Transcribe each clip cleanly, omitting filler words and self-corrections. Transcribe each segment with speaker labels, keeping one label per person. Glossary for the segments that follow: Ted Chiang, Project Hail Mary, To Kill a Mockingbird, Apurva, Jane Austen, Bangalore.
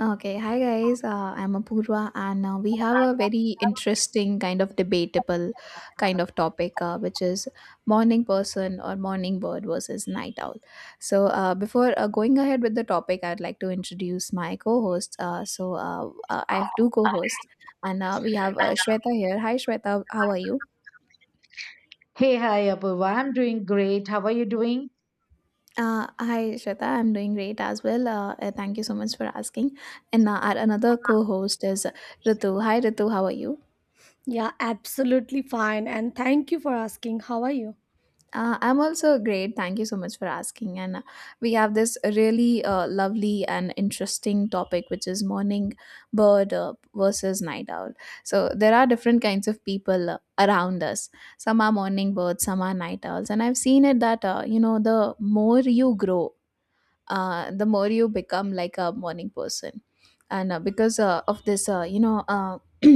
Speaker 1: Okay, Hi guys. I'm Apurva, and we have a very interesting kind of debatable kind of topic, which is morning person or morning bird versus night owl. So, before going ahead with the topic, I'd like to introduce my co-hosts. I have two co-hosts, and we have Shweta here. Hi, Shweta. How are you?
Speaker 2: Hey, hi, Apurva. I'm doing great. How are you doing?
Speaker 1: Hi, Shweta. I'm doing great as well. Thank you so much for asking. And our another co-host is Ritu. Hi, Ritu. How are you?
Speaker 3: Yeah, absolutely fine. And thank you for asking. How are you?
Speaker 1: I'm also great. Thank you so much for asking. And we have this really lovely and interesting topic, which is morning bird versus night owl. So there are different kinds of people around us. Some are morning birds, some are night owls. And I've seen it that, you know, the more you grow, the more you become like a morning person. And because of this,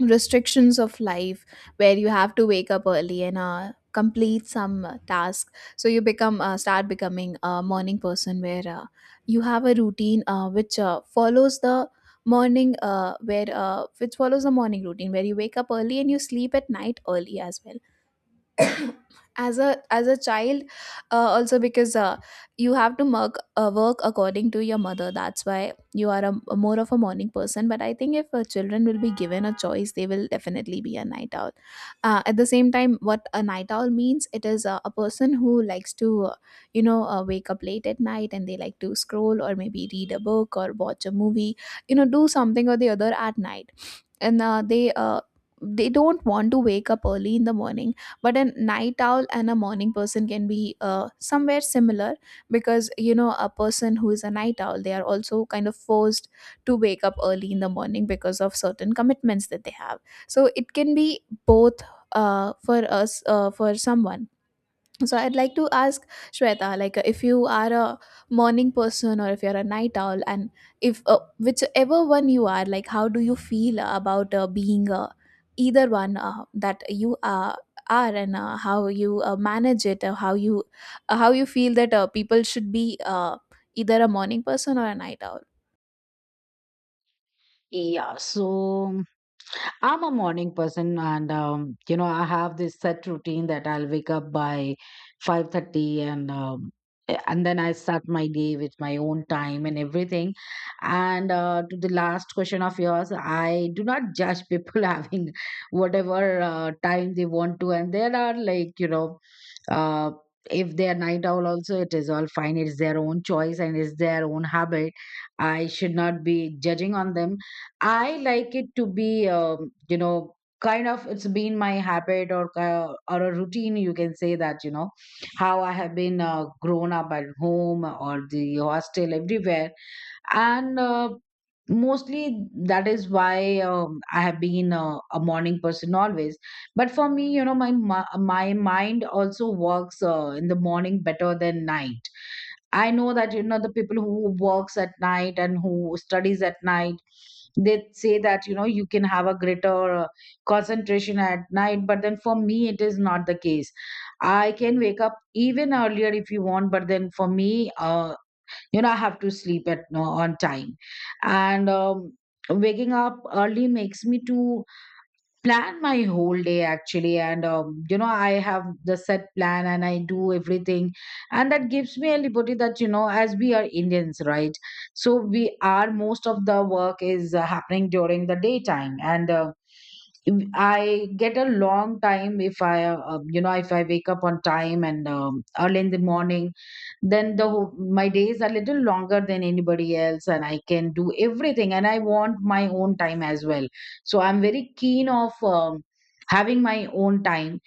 Speaker 1: restrictions of life where you have to wake up early and complete some task, so you become start becoming a morning person where you have a routine which follows the morning where which follows the morning routine where you wake up early and you sleep at night early as well. As a child also, because you have to work according to your mother, that's why you are a more of a morning person. But I think if children will be given a choice, they will definitely be a night owl. At the same time, what a night owl means, it is a person who likes to wake up late at night, and they like to scroll or maybe read a book or watch a movie, you know, do something or the other at night. And uh, they uh, they don't want to wake up early in the morning. But a night owl and a morning person can be somewhere similar, because you know, a person who is a night owl, they are also kind of forced to wake up early in the morning because of certain commitments that they have. So it can be both for us, for someone. So I'd like to ask Shweta, like if you are a morning person or if you're a night owl, and if whichever one you are, like how do you feel about being either one that you are, and how you manage it, how you feel that people should be either a morning person or a night owl.
Speaker 2: Yeah, so I'm a morning person, and you know, I have this set routine that I'll wake up by 5:30, and then I start my day with my own time and everything. And to the last question of yours, I do not judge people having whatever time they want to, and there are uh, if they are night owl, also it is all fine. It's their own choice and it's their own habit. I should not be judging on them. I like it to be, kind of it's been my habit or a routine. You can say that you know how I have been grown up at home or the hostel everywhere, and mostly that is why I have been a morning person always. But for me, you know, my mind also works in the morning better than night. I know that you know the people who works at night and who studies at night, they say that you know you can have a greater concentration at night, but then for me it is not the case. I can wake up even earlier if you want, but then for me, you know, I have to sleep at no on time. And Waking up early makes me to plan my whole day actually, and you know, I have the set plan and I do everything, and that gives me a liberty that you know, as we are indians, right? So we are, most of the work is happening during the daytime, and I get a long time if you know, if I wake up on time and early in the morning, then the whole, my days are little longer than anybody else, and I can do everything, and I want my own time as well. So I'm very keen of having my own time,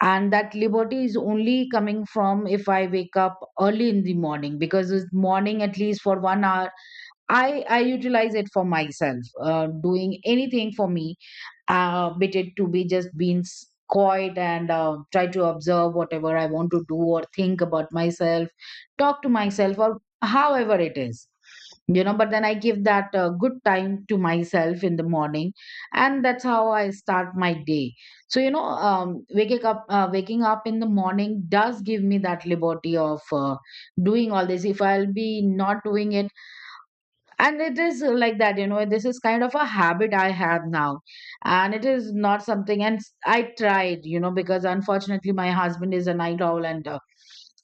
Speaker 2: and that liberty is only coming from if I wake up early in the morning because it's morning. At least for 1 hour, I utilize it for myself, doing anything for me, bit it to be just being quiet and try to observe whatever I want to do or think about myself, talk to myself, or however it is. You know, but then I give that good time to myself in the morning, and that's how I start my day. So you know, waking up in the morning does give me that liberty of doing all this. If I'll be not doing it, and it is like that, you know, this is kind of a habit I have now. And it is not something, I tried, you know, because unfortunately my husband is a night owl, and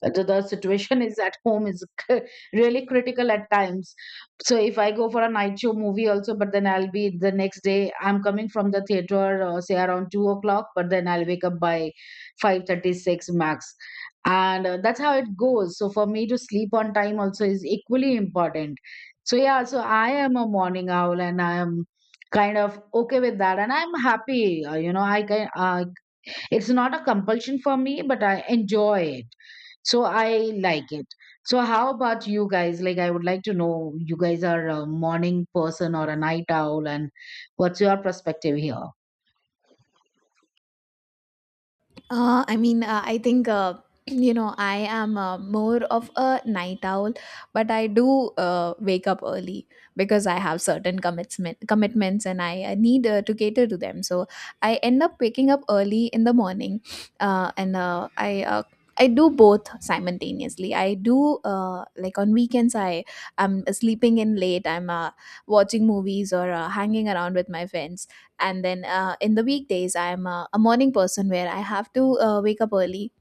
Speaker 2: the situation is at home is c- really critical at times. So if I go for a night show movie also, but then I'll be the next day, I'm coming from the theater, say around 2 o'clock, but then I'll wake up by 5:36 max, and that's how it goes. So for me, to sleep on time also is equally important. So yeah, so I am a morning owl, and I am kind of okay with that, and I'm happy. You know, I can, it's not a compulsion for me, but I enjoy it. So I like it. So how about you guys? Like, I would like to know, you guys are a morning person or a night owl, and what's your perspective here?
Speaker 1: I think you know, I am more of a night owl, but I do wake up early because I have certain commitments and I need to cater to them. So I end up waking up early in the morning, and I. I do both simultaneously. I do, like, on weekends I am sleeping in late. I'm watching movies or hanging around with my friends. And then in the weekdays I'm a morning person, where I have to wake up early,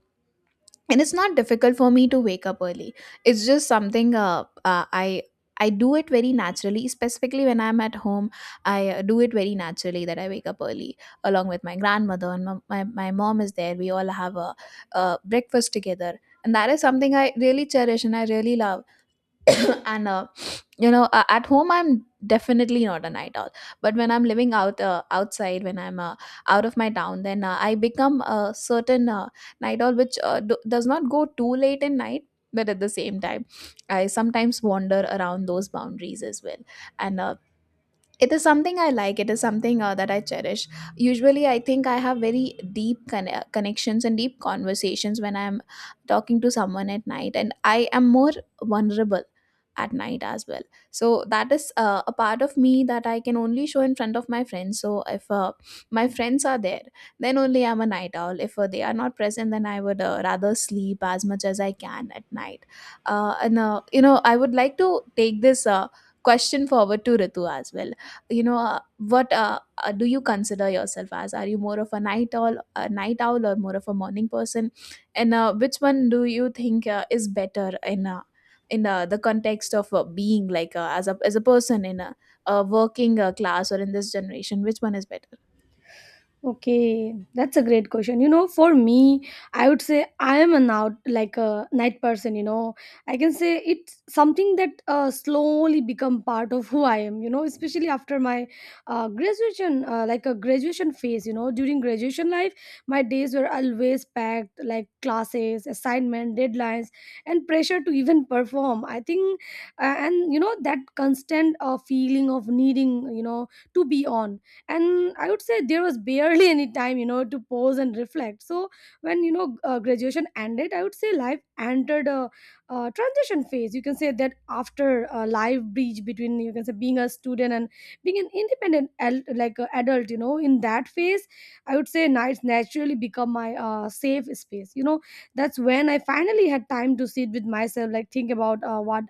Speaker 1: and it's not difficult for me to wake up early. It's just something I do it very naturally, specifically when I'm at home. I do it very naturally that I wake up early along with my grandmother, and my mom is there. We all have uh, breakfast together, and that is something I really cherish and I really love. And at home, I'm definitely not a night owl, but when I'm living out outside, when I'm out of my town, then I become a certain night owl, which does not go too late in night. But at the same time, I sometimes wander around those boundaries as well. And It is something I like. It is something that I cherish. Usually, I think I have very deep connections and deep conversations when I'm talking to someone at night, and I am more vulnerable at night as well. So that is a part of me that I can only show in front of my friends. So if my friends are there, then only I'm a night owl. If they are not present, then I would rather sleep as much as I can at night. And You know, I would like to take this question forward to Ritu as well. You know what Do you consider yourself as, are you more of a night owl or more of a morning person, and which one do you think is better in the context of being like as a person in a working class, or in this generation, which one is better?
Speaker 3: Okay, that's a great question. You know, for me, I would say I am an out like a night person. You know, I can say it's something that slowly become part of who I am. You know, especially after my graduation, like a graduation phase. You know, during graduation life, my days were always packed, like classes, assignment, deadlines, and pressure to even perform. I think, and you know, that constant feeling of needing, you know, to be on. And I would say there was barely any time, you know, to pause and reflect. So when, you know, graduation ended, I would say life entered a, uh, transition phase, you can say that, after a life breach between, you can say, being a student and being an independent like adult, you know. In that phase, I would say nights naturally become my safe space, you know. That's when I finally had time to sit with myself, like think about what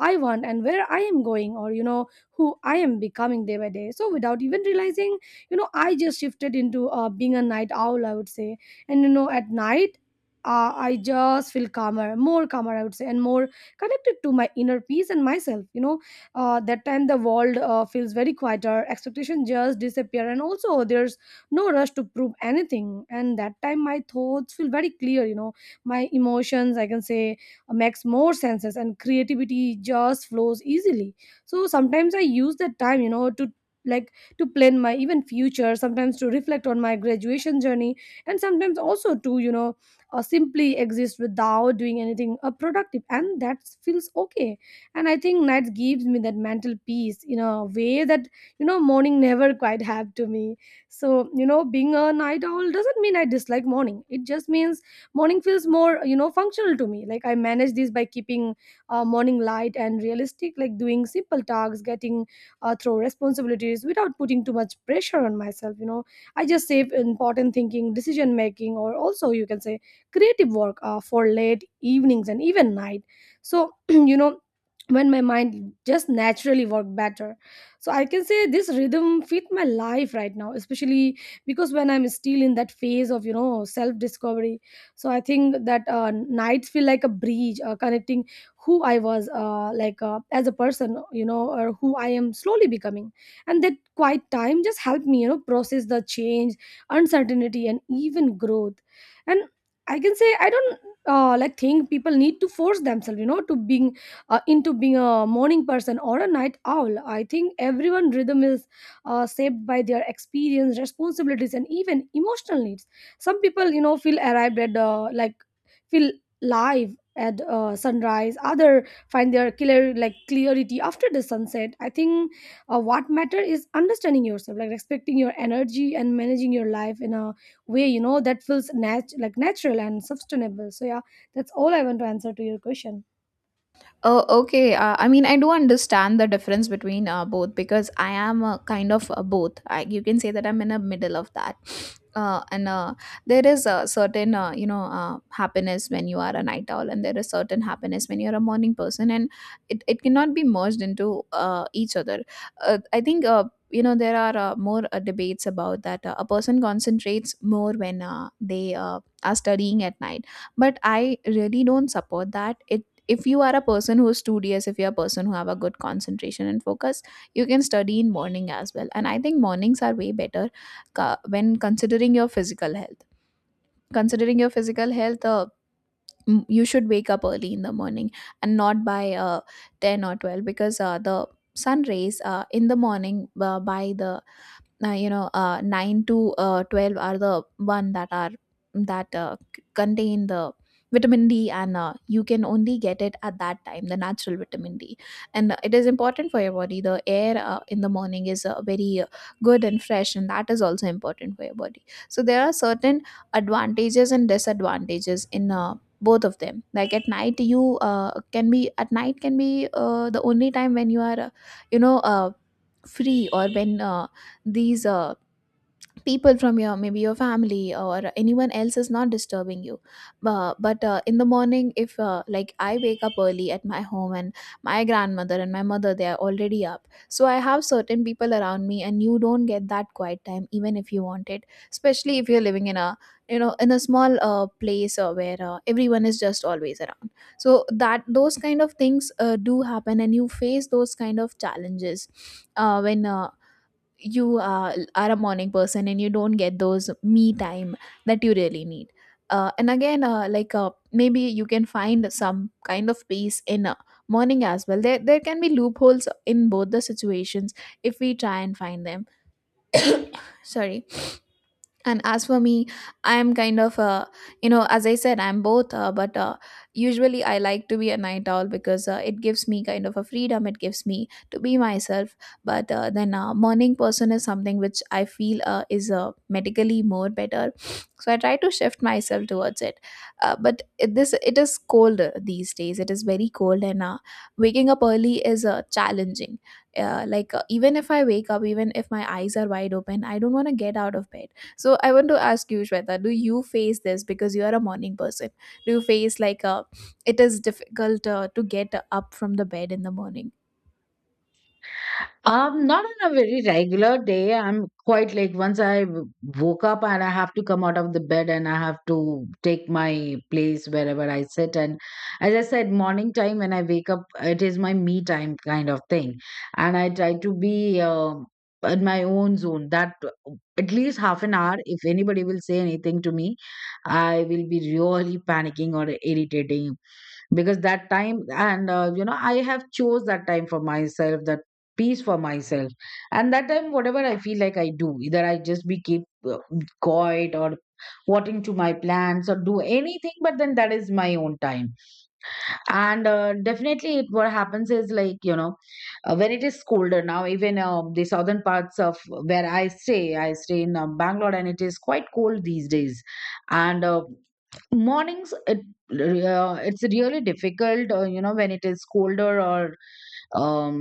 Speaker 3: I want and where I am going, or you know, who I am becoming day by day. So without even realizing, you know, I just shifted into being a night owl, I would say. And you know, at night, I just feel calmer, more calmer, I would say, and more connected to my inner peace and myself. You know, that time the world feels very quieter, expectations just disappear, and also there's no rush to prove anything. And that time my thoughts feel very clear. You know, my emotions, I can say, makes more senses, and creativity just flows easily. So sometimes I use that time, you know, to like to plan my even future, sometimes to reflect on my graduation journey, and sometimes also to, you know, simply exist without doing anything productive, and that feels okay. And I think night gives me that mental peace in a way that, you know, morning never quite have to me. So you know, being a night owl doesn't mean I dislike morning, it just means morning feels more, you know, functional to me. Like I manage this by keeping morning light and realistic, like doing simple tasks, getting through responsibilities without putting too much pressure on myself. You know, I just save important thinking, decision making, or also you can say creative work for late evenings and even night. So you know, when my mind just naturally work better. So I can say this rhythm fit my life right now, especially because when I'm still in that phase of, you know, self discovery. So I think that nights feel like a bridge connecting who I was, like as a person, you know, or who I am slowly becoming. And that quiet time just helped me, you know, process the change, uncertainty, and even growth. And I can say I don't like think people need to force themselves, you know, to being into being a morning person or a night owl. I think everyone rhythm is shaped by their experience, responsibilities, and even emotional needs. Some people, you know, feel arrived at, like feel live at sunrise, other find their clear like clarity after the sunset. I think what matter is understanding yourself, like respecting your energy and managing your life in a way, you know, that feels like natural and sustainable. So yeah, that's all I want to answer to your question.
Speaker 1: Oh, okay. I mean, I do understand the difference between both, because I am kind of both. I, you can say that I'm in the middle of that. And There is a certain, happiness when you are a night owl, and there is certain happiness when you're a morning person, and it cannot be merged into each other. I think, you know, there are more debates about that. A person concentrates more when they are studying at night, but I really don't support that. It If you are a person who is studious, if you're a person who have a good concentration and focus, you can study in morning as well, and I think mornings are way better. When considering your physical health, considering your physical health, you should wake up early in the morning, and not by 10 or 12, because the sun rays in the morning, by the 9 to 12, are the one that are that contain the vitamin D. And you can only get it at that time, the natural vitamin D. And it is important for your body. The air in the morning is very good and fresh, and that is also important for your body. So there are certain advantages and disadvantages in both of them. Like at night, you can be, at night can be the only time when you are you know uh, free, or when these people from your, maybe your family or anyone else, is not disturbing you. But in the morning, if like, I wake up early at my home, and my grandmother and my mother, they are already up, so I have certain people around me, and you don't get that quiet time even if you want it, especially if you're living in a, you know, in a small place where everyone is just always around. So that, those kind of things do happen, and you face those kind of challenges when you are a morning person, and you don't get those me time that you really need. And again, like maybe you can find some kind of peace in morning as well. There can be loopholes in both the situations if we try and find them. Sorry. And as for me, I'm kind of a, you know, as I said, I'm both, but usually I like to be a night owl, because it gives me kind of a freedom, it gives me to be myself. But then morning person is something which I feel is medically more better. So I try to shift myself towards it. But this, it is cold these days. It is very cold, and waking up early is challenging. Like even if I wake up, even if my eyes are wide open, I don't want to get out of bed. So I want to ask you, Shweta, do you face this because you are a morning person? Do you face like it is difficult to get up from the bed in the morning?
Speaker 2: Not on a very regular day. I'm quite like once woke up, and I have to come out of the bed, and I have to take my place wherever I sit. And as I said, morning time when I wake up, it is my me time kind of thing. And I try to be in my own zone that at least half an hour. If anybody will say anything to me, I will be really panicking or irritating, because that time, and you know, I have chose that time for myself, that peace for myself. And that time, whatever I feel like, I do, either I just be keep uh, quiet or watering to my plants or do anything, but then that is my own time. And definitely it, what happens is like, you know, when it is colder now, even the southern parts of where I stay in Bangalore, and it is quite cold these days. And mornings it, it's really difficult, you know, when it is colder or um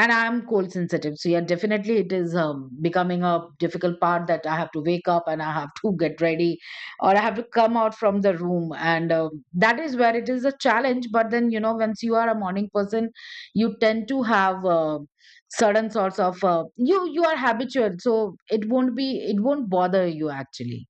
Speaker 2: and I'm cold sensitive. So yeah, definitely it is becoming a difficult part that I have to wake up, and I have to get ready, or I have to come out from the room. And that is where it is a challenge. But then you know, once you are a morning person, you tend to have certain sorts of you, you are habitual, so it won't be, it won't bother you actually.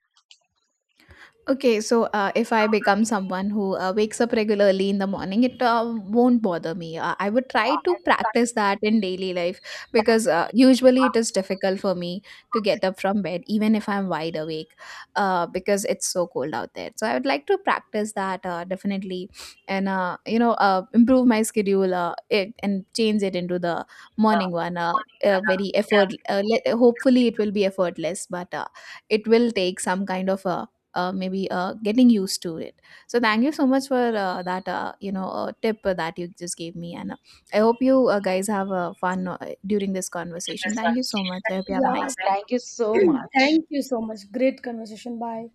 Speaker 1: Okay, so if I become someone who wakes up regularly in the morning, it won't bother me. I would try to practice that in daily life, because usually it is difficult for me to get up from bed, even if I'm wide awake, because it's so cold out there. So I would like to practice that definitely, and improve my schedule. And change it into the morning one. Hopefully, it will be effortless, but it will take some kind of a maybe getting used to it. So thank you so much for that tip that you just gave me, and I hope you guys have fun during this conversation. Thank you so much. I hope you have a
Speaker 3: Yeah.
Speaker 1: nice day.
Speaker 2: Thank you so much.
Speaker 3: Thank you so much. Great conversation. Bye.